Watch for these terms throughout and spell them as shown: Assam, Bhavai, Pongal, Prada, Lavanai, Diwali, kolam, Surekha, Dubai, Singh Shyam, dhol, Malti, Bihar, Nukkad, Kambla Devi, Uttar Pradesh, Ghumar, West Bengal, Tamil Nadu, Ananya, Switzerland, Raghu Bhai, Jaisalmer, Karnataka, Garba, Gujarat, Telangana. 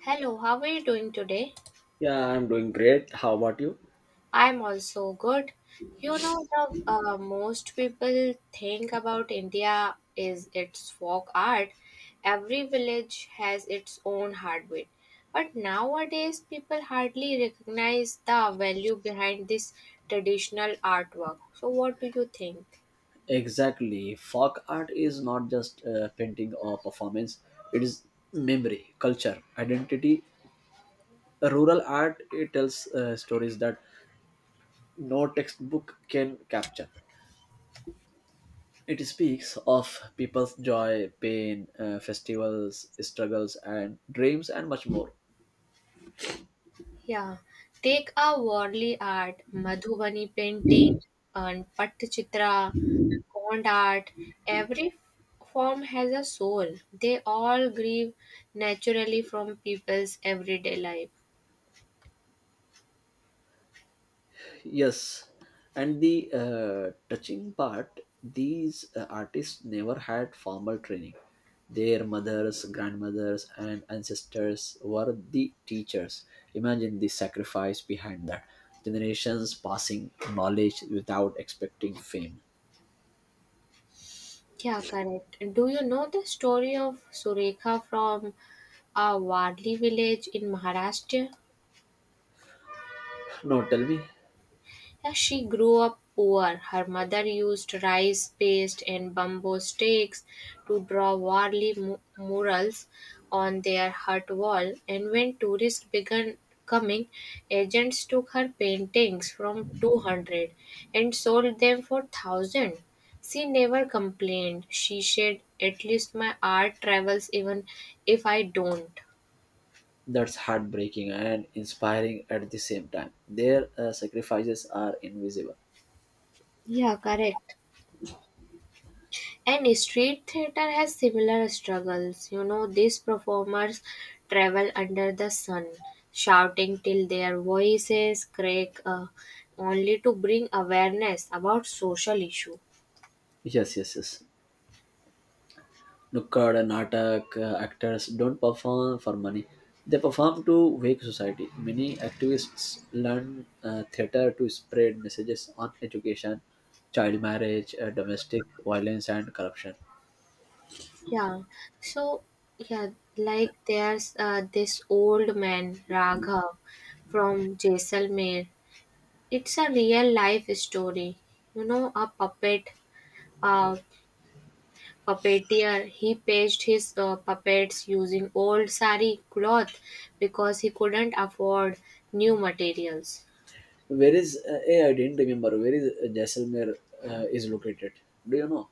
Hello, how are you doing today? Yeah, I'm doing great. How about you? I'm also good. You know, the most people think about India is its folk art. Every village has its own heartbeat. But nowadays, people hardly recognize the value behind this traditional artwork. So, what do you think? Exactly. Folk art is not just painting or performance, it is memory, culture, identity. Rural art it tells stories that no textbook can capture. It speaks of people's joy, pain, festivals, struggles, and dreams, and much more. Yeah, take a worldly art, Madhubani painting and Pattachitra, Gond art. Every form has a soul. They all grieve naturally from people's everyday life. Yes, and the touching part, these artists never had formal training. Their mothers, grandmothers, and ancestors were the teachers. Imagine the sacrifice behind that. Generations passing knowledge without expecting fame. Yeah, correct. Do you know the story of Surekha from a Wadli village in Maharashtra? No, tell me, As she grew up poor, her mother used rice paste and bamboo sticks to draw murals on their hut wall. And when tourists began coming, agents took her paintings from 200 and sold them for 1000. She never complained. She said, "At least my art travels even if I don't." that's heartbreaking and inspiring at the same time. Their sacrifices are invisible. Yeah, correct. And street theater has similar struggles. You know, these performers travel under the sun, shouting till their voices crack, only to bring awareness about social issue. Yes, yes, yes. Nukkad and Natak actors don't perform for money. They perform to wake society. Many activists learn theater to spread messages on education, child marriage, domestic violence, and corruption. Yeah. So, yeah, like there's this old man, Raghav, from Jaisalmer. It's a real life story. You know, a Puppeteer, he staged his puppets using old sari cloth because he couldn't afford new materials. I didn't remember, where is Jaisalmer is located? Do you know?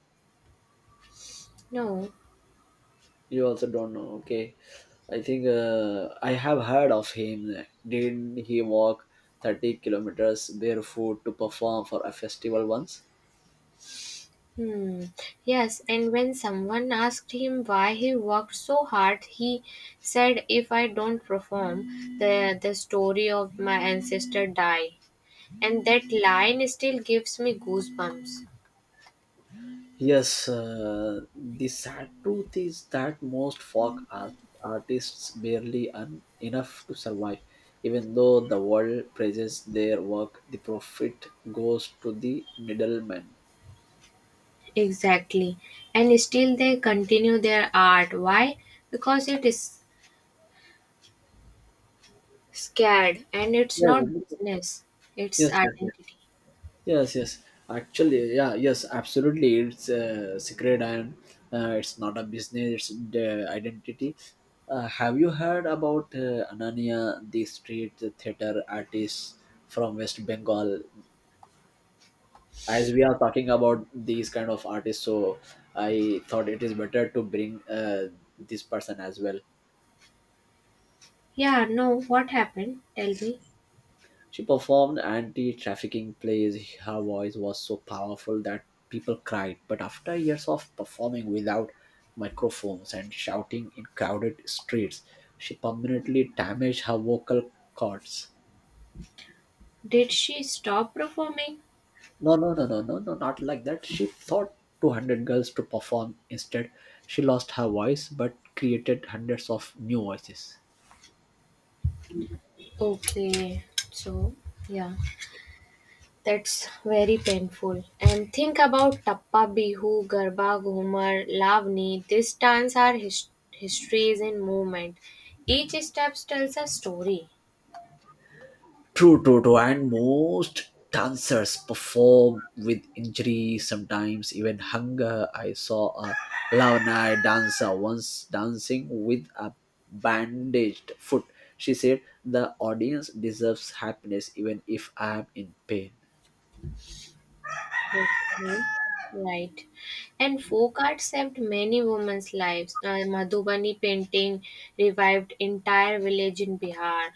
No. You also don't know. Okay. I think I have heard of him. Did he walk 30 kilometers barefoot to perform for a festival once? Hmm. Yes, and when someone asked him why he worked so hard, he said, "If I don't perform, the the story of my ancestor die." And that line still gives me goosebumps. Yes, the sad truth is that most artists barely earn enough to survive. Even though the world praises their work, the profit goes to the middleman. Exactly. And still they continue their art. Why? Because it is Scared. And it's Yes, not business, it's yes, yes, yes, identity. yes, yes. Actually, yeah, yes, absolutely. It's secret, and it's not a business. It's the identity. Have you heard about Ananya, the street theater artist from West Bengal? As we are talking about these kind of artists, so I thought it is better to bring this person as well. Yeah, no, what happened? Tell me. She performed anti-trafficking plays. Her voice was so powerful that people cried, but after years of performing without microphones and shouting in crowded streets, she permanently damaged her vocal cords. Did she stop performing? No, no, no, no, no, no, not like that. She thought 200 girls to perform instead. She lost her voice but created hundreds of new voices. Okay, so yeah, that's very painful. And think about Tappa Bihu, Garba Ghumar, Lavani. These dance are histories in movement. Each step tells a story. True, true, true. And most dancers perform with injury, sometimes even hunger. I saw a Lavanai dancer once dancing with a bandaged foot. She said, "The audience deserves happiness even if I am in pain." Okay. Right. And folk art saved many women's lives. Madhubani painting revived entire village in Bihar.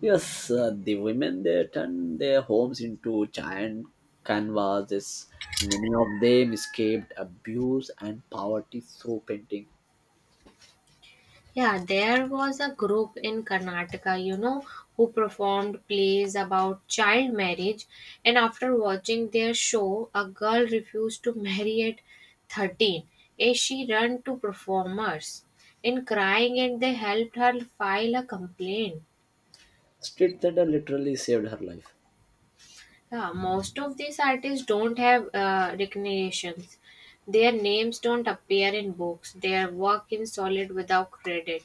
Yes, the women they turn their homes into giant canvases. Many of them escaped abuse and poverty through painting. Yeah, there was a group in Karnataka, you know, who performed plays about child marriage. And after watching their show, a girl refused to marry at 13 as she ran to performers in crying and they helped her file a complaint. Street theater literally saved her life. Yeah, most of these artists don't have recognitions. Their names don't appear in books. Their work is solid without credit.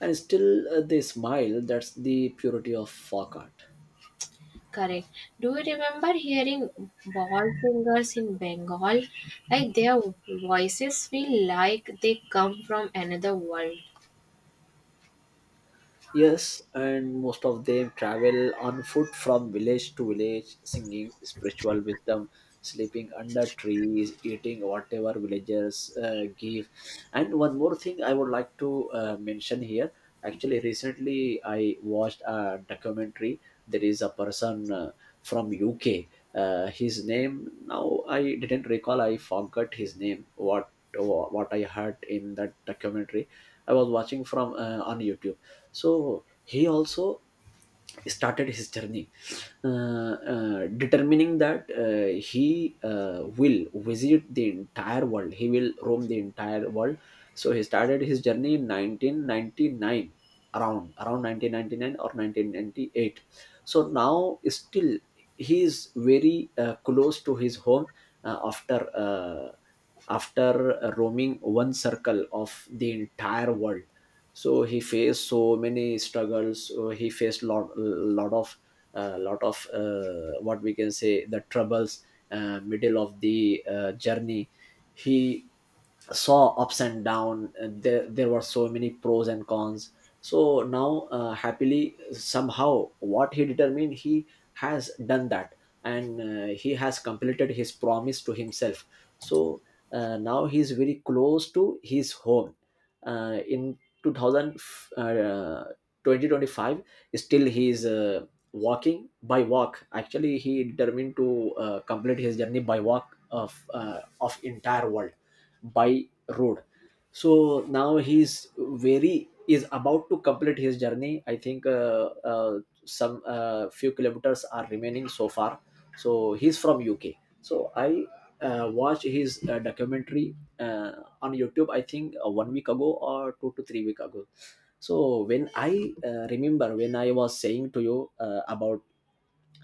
And still they smile. That's the purity of folk art. Correct. Do you remember hearing ball singers in Bengal? Like their voices feel like they come from another world. Yes, and most of them travel on foot from village to village, singing spiritual wisdom, sleeping under trees, eating whatever villagers give. And one more thing I would like to mention here. Actually, recently I watched a documentary. There is a person from UK. His name now I didn't recall. I forgot his name. What I heard in that documentary. I was watching from on YouTube. So he also started his journey, determining that he will visit the entire world, he will roam the entire world. So he started his journey in 1999, around 1999 or 1998. So now still he is very close to his home, uh, after uh, after roaming one circle of the entire world. So he faced so many struggles. He faced lot lot of what we can say the troubles middle of the journey. He saw ups and down, and there were so many pros and cons. So now happily somehow what he determined, he has done that, and he has completed his promise to himself. So now he is very close to his home in 2000, uh, 2025. Still he is walking by walk. Actually he determined to complete his journey by walk of entire world by road. So now he's very is about to complete his journey. I think uh, some few kilometers are remaining so far. So he's from UK. So I watched his documentary on YouTube. I think 1 week ago or 2 to 3 week ago. So when I remember, when I was saying to you about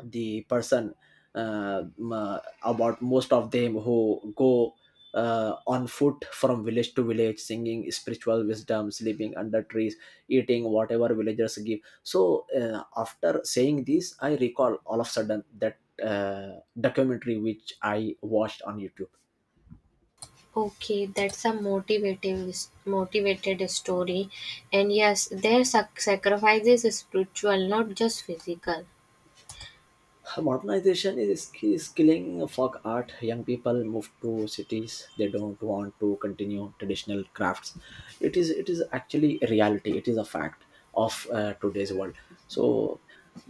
the person, uh, m- uh, about most of them who go on foot from village to village, singing spiritual wisdom, sleeping under trees, eating whatever villagers give. So after saying this, I recall all of a sudden that documentary which I watched on YouTube. Okay, that's a motivated story, and yes, their sacrifice is spiritual, not just physical. Modernization is killing folk art. Young people move to cities, they don't want to continue traditional crafts. It is actually a reality. It is a fact of today's world. So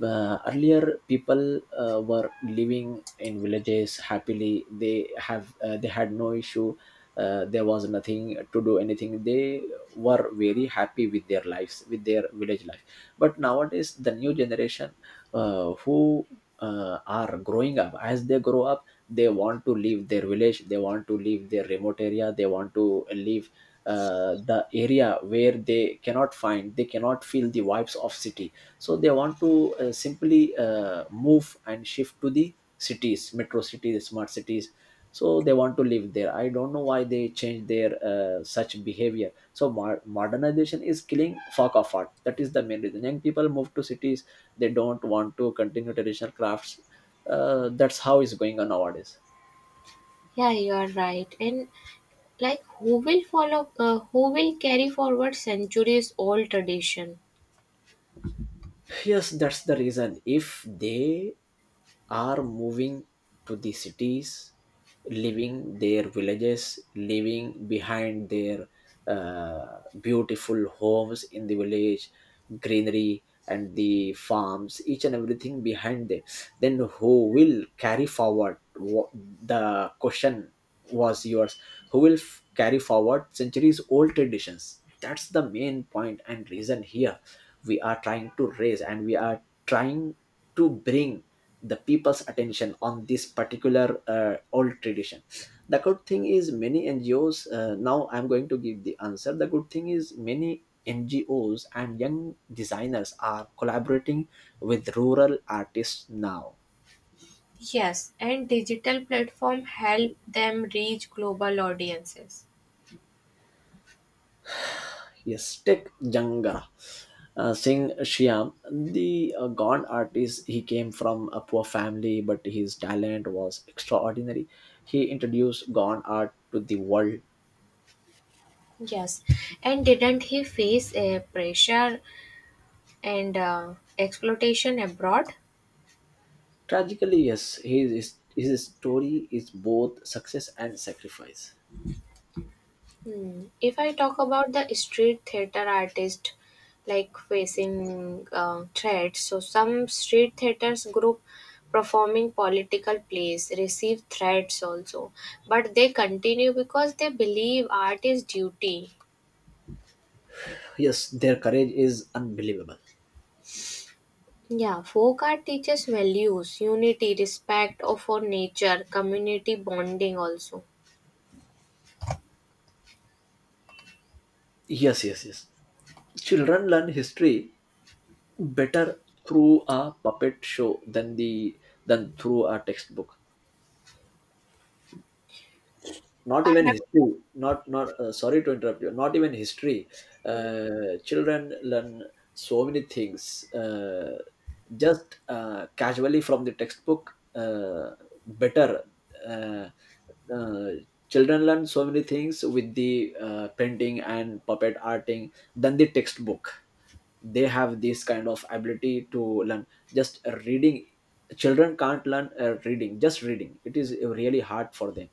earlier people were living in villages happily. They had no issue. There was nothing to do anything. They were very happy with their lives, with their village life. But nowadays the new generation, who are growing up. As they grow up, they want to leave their village, they want to leave their remote area, they want to leave the area where they cannot find, they cannot feel the vibes of city. So they want to simply move and shift to the cities, metro cities, smart cities. So they want to live there. I don't know why they change their such behavior. So modernization is killing folk of art. That is the main reason young people move to cities, they don't want to continue traditional crafts. That's how it's going on nowadays. Yeah, you are right, and like who will follow who will carry forward centuries old tradition. Yes, that's the reason. If they are moving to the cities, leaving their villages, leaving behind their beautiful homes in the village, greenery, and the farms, each and everything behind them, then who will carry forward? The question was yours. Who will carry forward centuries old traditions? That's the main point and reason here we are trying to raise, and we are trying to bring the people's attention on this particular old tradition. The good thing is many NGOs, now I'm going to give the answer, the good thing is many NGOs and young designers are collaborating with rural artists now. Yes, and digital platform help them reach global audiences. Yes, Tech Janga. Singh Shyam, the gone artist, he came from a poor family, but his talent was extraordinary. He introduced gone art to the world. Yes, and didn't he face a pressure and exploitation abroad? Tragically, yes, his story is both success and sacrifice. Hmm. If I talk about the street theater artist like facing threats, so some street theaters group performing political plays receive threats also, but they continue because they believe art is duty. Yes, their courage is unbelievable. Yeah, folk art teaches values, unity, respect of for nature, community bonding also. Yes, yes, yes. Children learn history better through a puppet show than through a textbook. Not I even have. history, not not sorry to interrupt you, not even history. Children learn so many things just casually from the textbook better uh, uh, children learn so many things with the painting and puppet arting than the textbook. They have this kind of ability to learn. Just reading children can't learn reading, just reading, it is really hard for them.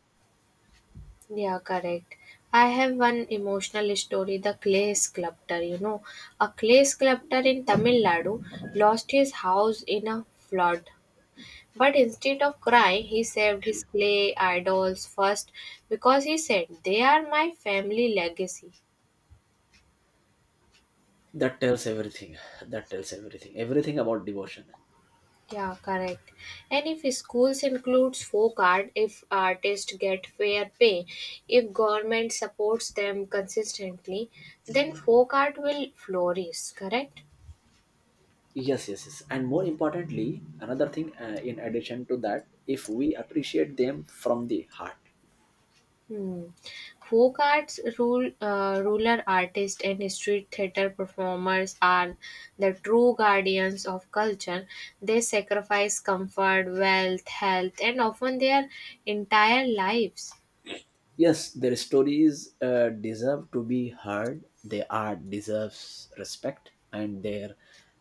Yeah, correct. I have one emotional story, the clay sculptor. You know, a clay sculptor in Tamil Nadu lost his house in a flood. But instead of crying, he saved his clay idols first because he said, "They are my family legacy." That tells everything. Everything about devotion. Yeah, correct. And if schools includes folk art, if artists get fair pay, if government supports them consistently, then folk art will flourish, correct? Yes, yes, yes, and more importantly, another thing, in addition to that, if we appreciate them from the heart. Hmm. Folk arts, ruler artists, and street theater performers are the true guardians of culture. They sacrifice comfort, wealth, health, and often their entire lives. Yes, their stories deserve to be heard, their art deserves respect, and their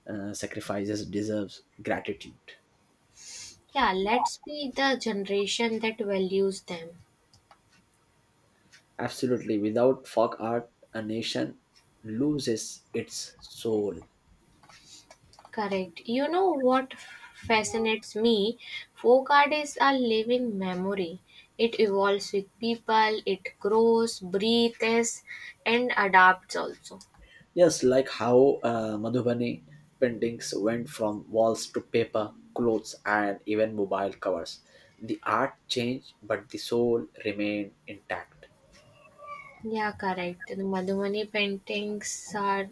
sacrifices deserves gratitude. Yeah, let's be the generation that values them. Absolutely, without folk art a nation loses its soul. Correct. You know what fascinates me? Folk art is a living memory. It evolves with people, it grows, breathes, and adapts also. Yes, like how Madhubani paintings went from walls to paper, clothes, and even mobile covers. The art changed, but the soul remained intact. Yeah, correct. The Madhumani paintings are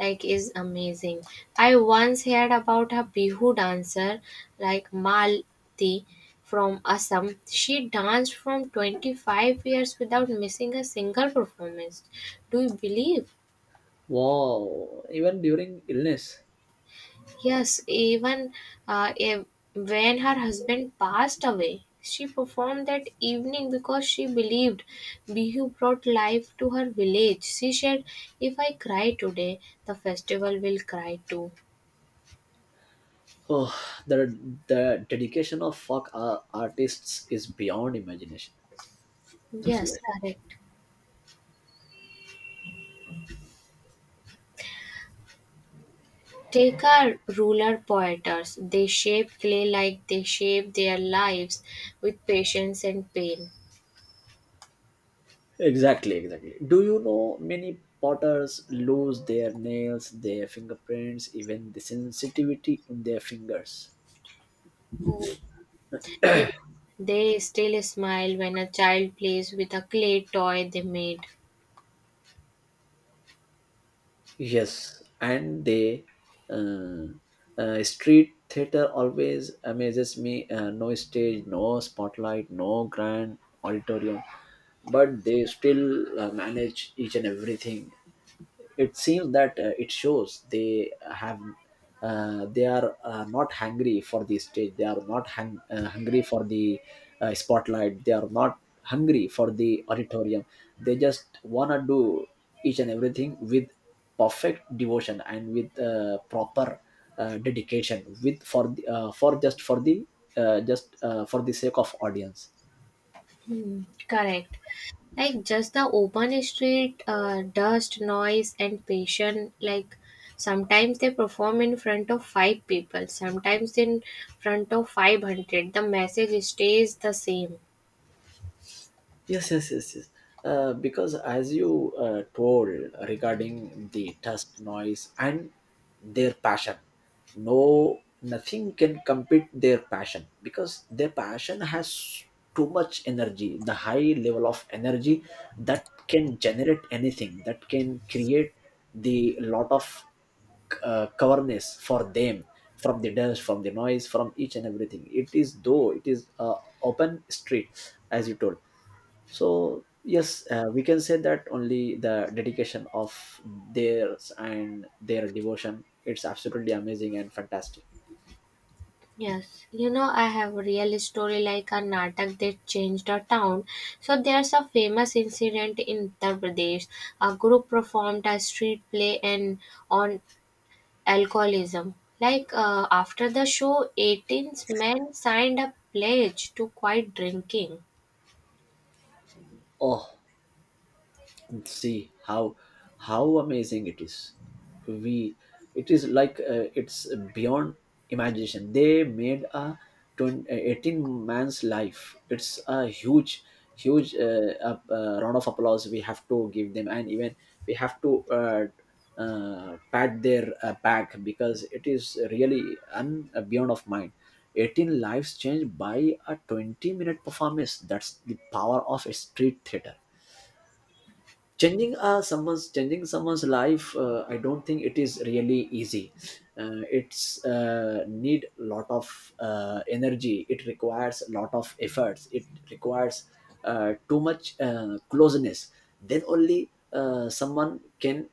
like is amazing. I once heard about a Bihu dancer like Malti from Assam. She danced from 25 years without missing a single performance. Do you believe? Wow! Even during illness, Yes, uh, ev- when her husband passed away, she performed that evening because she believed Bihu brought life to her village. She said, "If I cry today, the festival will cry too." oh, the the dedication of folk artists is beyond imagination. That's Yes, great. correct. Take our ruler poeters. They shape clay like they shape their lives with patience and pain. Exactly, exactly. Do you know many potters lose their nails, their fingerprints, even the sensitivity in their fingers? Oh, yes. They still smile when a child plays with a clay toy they made. Yes, and they uh, street theater always amazes me. No stage, no spotlight, no grand auditorium, but they still manage each and everything. It seems that it shows they have. They are not hungry for the stage. They are not hung, hungry for the spotlight. They are not hungry for the auditorium. They just wanna do each and everything with perfect devotion and with proper dedication, with for the, for just for the sake of audience. Hmm, correct. Like just the open street, dust, noise, and passion. Like sometimes they perform in front of five people, sometimes in front of 500. The message stays the same. Yes, yes, yes, yes. Because as you told regarding the dust noise and their passion, no, nothing can compete their passion because their passion has too much energy, the high level of energy that can generate anything, that can create the lot of coverness for them from the dust from the noise from each and everything. It is though it is open street as you told. So yes, we can say that only the dedication of theirs and their devotion, it's absolutely amazing and fantastic. Yes, you know I have a real story like a Natak that changed a town. So there's a famous incident in Uttar Pradesh. A group performed a street play and on alcoholism. Like after the show, 18 men signed a pledge to quit drinking. Oh, see how amazing it is. We it is like it's beyond imagination. They made a 20 18 man's life. It's a huge huge round of applause we have to give them, and even we have to pat their back because it is really beyond of mind. 18 lives changed by a 20-minute performance. That's the power of a street theater. Changing someone's changing someone's life, I don't think it is really easy. It's need lot of energy. It requires a lot of efforts. It requires too much closeness. Then only someone can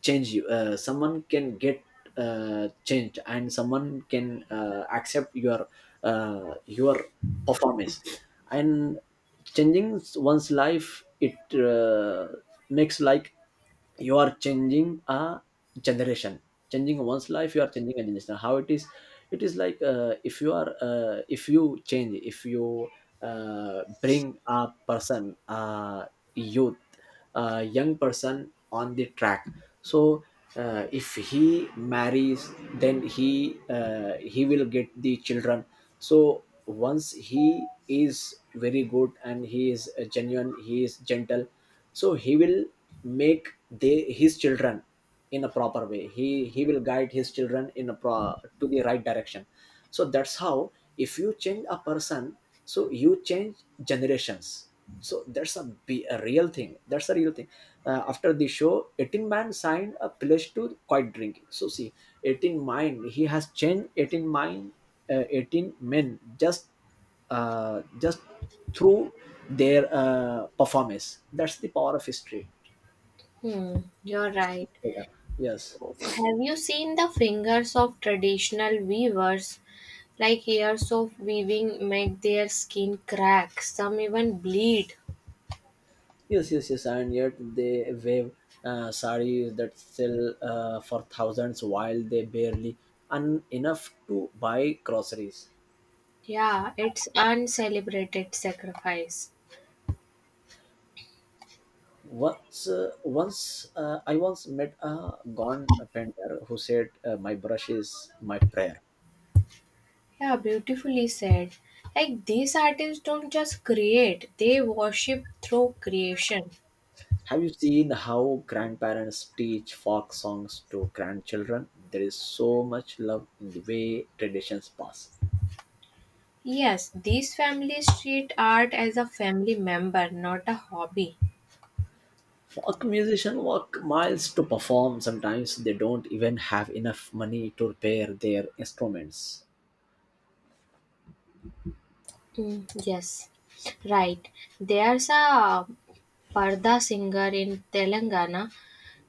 change you, someone can get changed and someone can accept your performance. And changing one's life, it makes like you are changing a generation. Changing one's life, you are changing a generation. How it is? It is like if you are if you change, if you bring a person, a youth, a young person on the track, so if he marries then he will get the children. So once he is very good and he is genuine, he is gentle, so he will make they his children in a proper way. He will guide his children in a to the right direction. So that's how if you change a person, so you change generations. So that's be a real thing, that's a real thing. After the show, 18-man signed a pledge to quit drinking. So see, 18 mind he has changed, 18 mind, 18 men just through their performance. That's the power of history. Hmm, you're right. Yeah. Yes, So, have you seen the fingers of traditional weavers? Like years of weaving make their skin crack, some even bleed. yes, yes, yes, and yet they wave sarees that sell for thousands while they barely enough to buy groceries. Yeah, it's uncelebrated sacrifice. Once I once met a gone painter who said, my brush is my prayer. Yeah, beautifully said. Like these artists don't just create, they worship through creation. Have you seen how grandparents teach folk songs to grandchildren? There is so much love in the way traditions pass. Yes, these families treat art as a family member, not a hobby. Folk musicians walk miles to perform. Sometimes they don't even have enough money to repair their instruments. Mm, yes, right. There's a parda singer in Telangana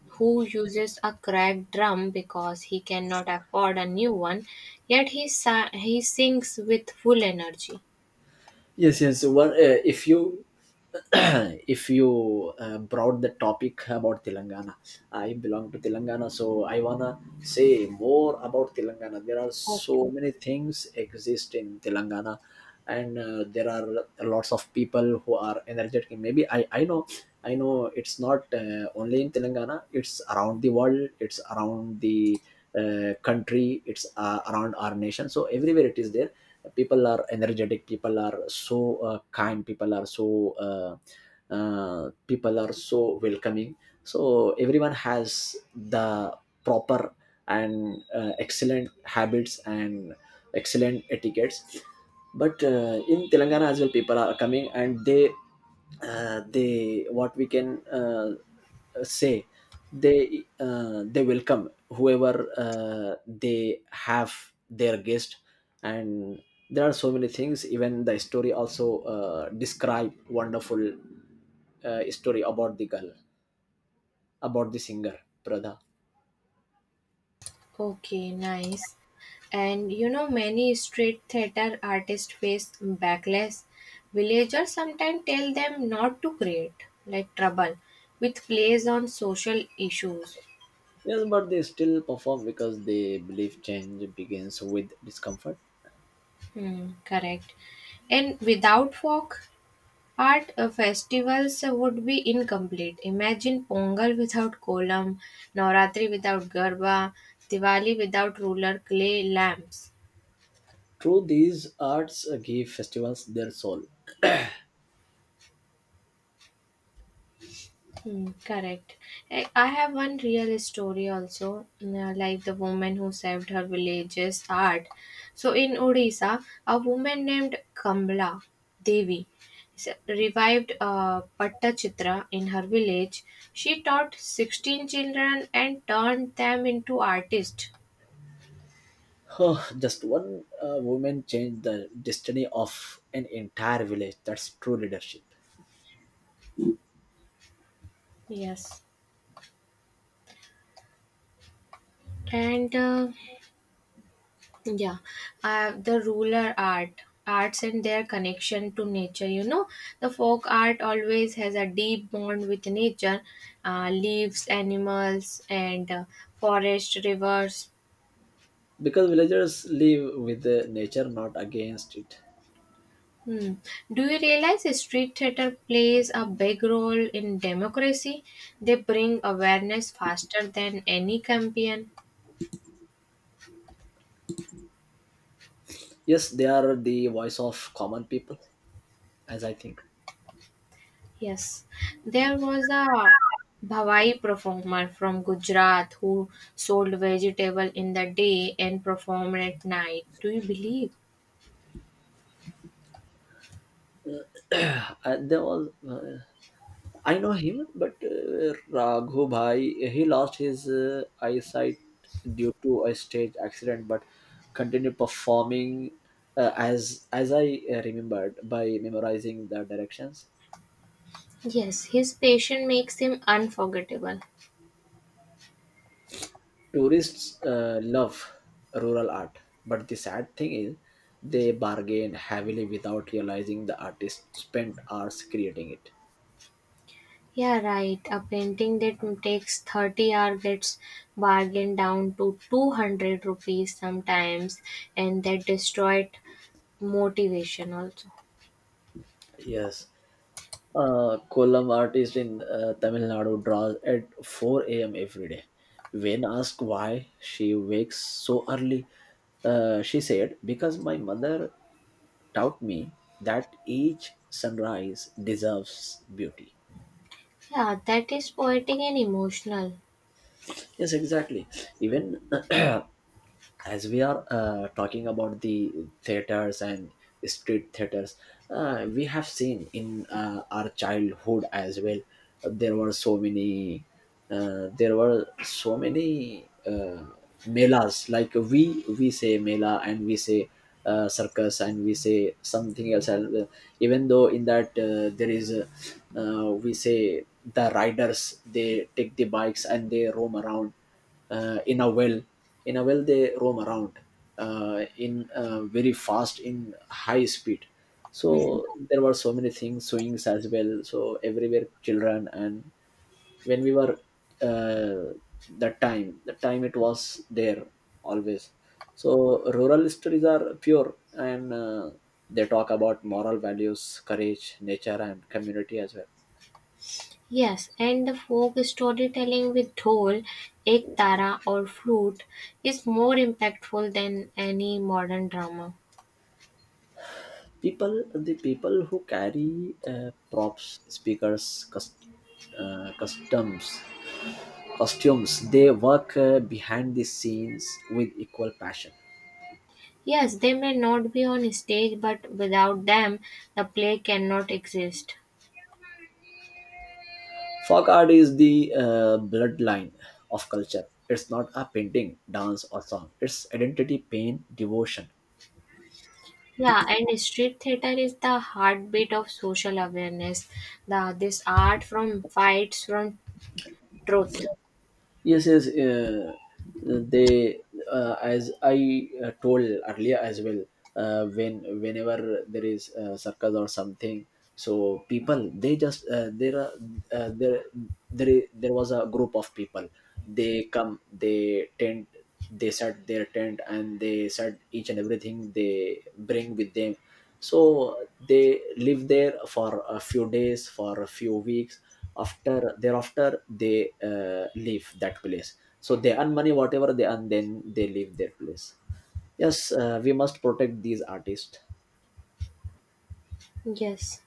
who uses a cracked drum because he cannot afford a new one, yet he sings with full energy. Yes, yes. one, if you if you brought the topic about Telangana, I belong to Telangana, so I wanna say more about Telangana. There are so Okay. many things exist in Telangana, and there are lots of people who are energetic. Maybe I know, I know it's not only in Telangana. It's around the world. It's around the country. It's around our nation. So everywhere it is there, people are energetic, people are so kind, uh, people are so welcoming. So everyone has the proper and excellent habits and excellent etiquettes. But in Telangana as well, people are coming and they what we can say, they welcome whoever uh, they have their guest. And there are so many things. Even the story also describe wonderful story about the girl, about the singer, Prada. Okay, nice. And you know, many street theater artists face backlash. Villagers sometimes tell them not to create, like trouble, with plays on social issues. Yes, but they still perform because they believe change begins with discomfort. Hmm, correct. And without folk art, festivals would be incomplete. Imagine Pongal without kolam, Navratri without garba, Diwali without ruler clay lamps. True, these arts give festivals their soul. Hmm, correct. I have one real story also, like the woman who saved her village's art. So in Odisha, a woman named Kambla Devi s- revived Pattachitra in her village. She taught 16 children and turned them into artists. Huh, just one woman changed the destiny of an entire village. That's true leadership. Yes. And yeah, the arts and their connection to nature. You know, the folk art always has a deep bond with nature, leaves, animals, and forest, rivers. Because villagers live with the nature, not against it. Hmm. Do you realize the street theater plays a big role in democracy? They bring awareness faster than any campaign. Yes, they are the voice of common people, as I think. Yes, there was a Bhavai performer from Gujarat who sold vegetable in the day and performed at night. Do you believe? There was I know him, but Raghu Bhai, he lost his eyesight due to a stage accident, but continued performing as I remembered by memorizing the directions. Yes, his passion makes him unforgettable. Tourists love rural art, but the sad thing is they bargain heavily without realizing the artist spent hours creating it. Yeah, right. A painting that takes 30 hours gets bargained down to 200 rupees sometimes, and that destroyed motivation also. Yes, Kollam artist in Tamil Nadu draws at 4 a.m. every day. When asked why she wakes so early, she said, because my mother taught me that each sunrise deserves beauty. Yeah, that is poetic and emotional. Yes, exactly. Even as we are talking about the theaters and street theaters, we have seen in our childhood as well, there were so many there were so many melas. Like we say mela and we say circus and we say something else. And even though in that there is we say the riders, they take the bikes and they roam around in a well, in a well they roam around in very fast in high speed. Hmm. So there were so many things, swings as well. So everywhere children, and when we were uh, that time, the time it was there always. So rural stories are pure and they talk about moral values, courage, nature, and community as well. Yes, and the folk storytelling with dhol, ekdara, or flute is more impactful than any modern drama. People, the people who carry props, speakers, customs, costumes, they work behind the scenes with equal passion. Yes, they may not be on stage, but without them, the play cannot exist. Folk art is the bloodline of culture. It's not a painting, dance or song, it's identity, pain, devotion. Yeah, and street theater is the heartbeat of social awareness. The this art from fights from truth. Yes, yes. They as I told earlier as well, when whenever there is a circus or something, so people they just there are there there I- there was a group of people. They come, they tent, they set their tent and they set each and everything they bring with them. So they live there for a few days, for a few weeks. After thereafter they leave that place. So they earn money, whatever they earn, then they leave their place. Yes, we must protect these artists. Yes.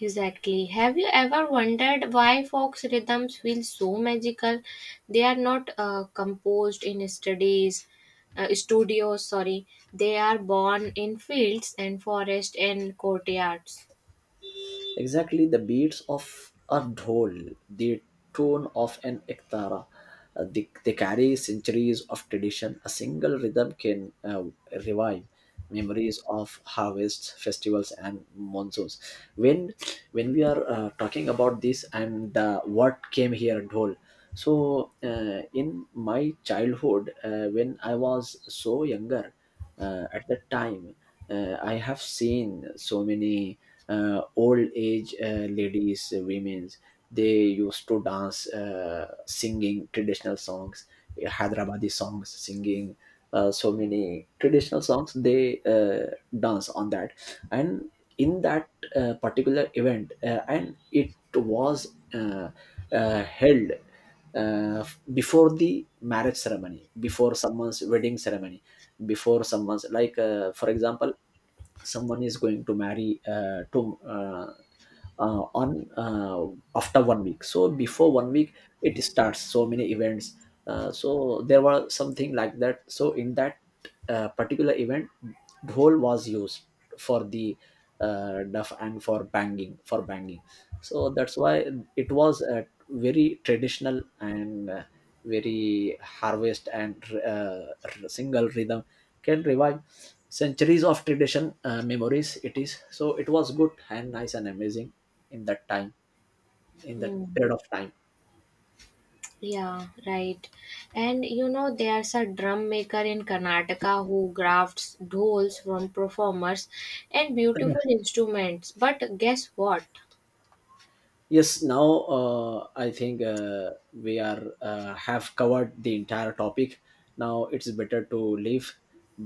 Exactly. Have you ever wondered why Fox rhythms feel so magical? They are not composed in studios. Sorry, they are born in fields and forest and courtyards. Exactly, the beats of a dhol, the tone of an ektara, they carry centuries of tradition. A single rhythm can revive memories of harvests, festivals, and monsoons. When when we are talking about this and the what came here dhol, so in my childhood, when I was so younger, at that time I have seen so many old age ladies, women, they used to dance singing traditional songs, hyderabadi songs, singing so many traditional songs. They dance on that. And in that particular event, and it was uh, held uh, before the marriage ceremony, before someone's wedding ceremony, before someone's like for example, someone is going to marry to on after 1 week. So before 1 week it starts, so many events so there were something like that. So in that particular event, dhol was used for the duff and for banging, for banging. So that's why it was a very traditional and very harvest and uh, single rhythm can revive centuries of tradition, memories. It is so, it was good and nice and amazing in that time, in that Hmm. period of time. Yeah, right. And you know, there's a drum maker in Karnataka who crafts dolls from performers and beautiful instruments. But guess what? Yes, now I think we are have covered the entire topic. Now it's better to leave.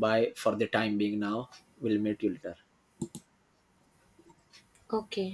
Bye for the time being. Now we'll meet you later. Okay.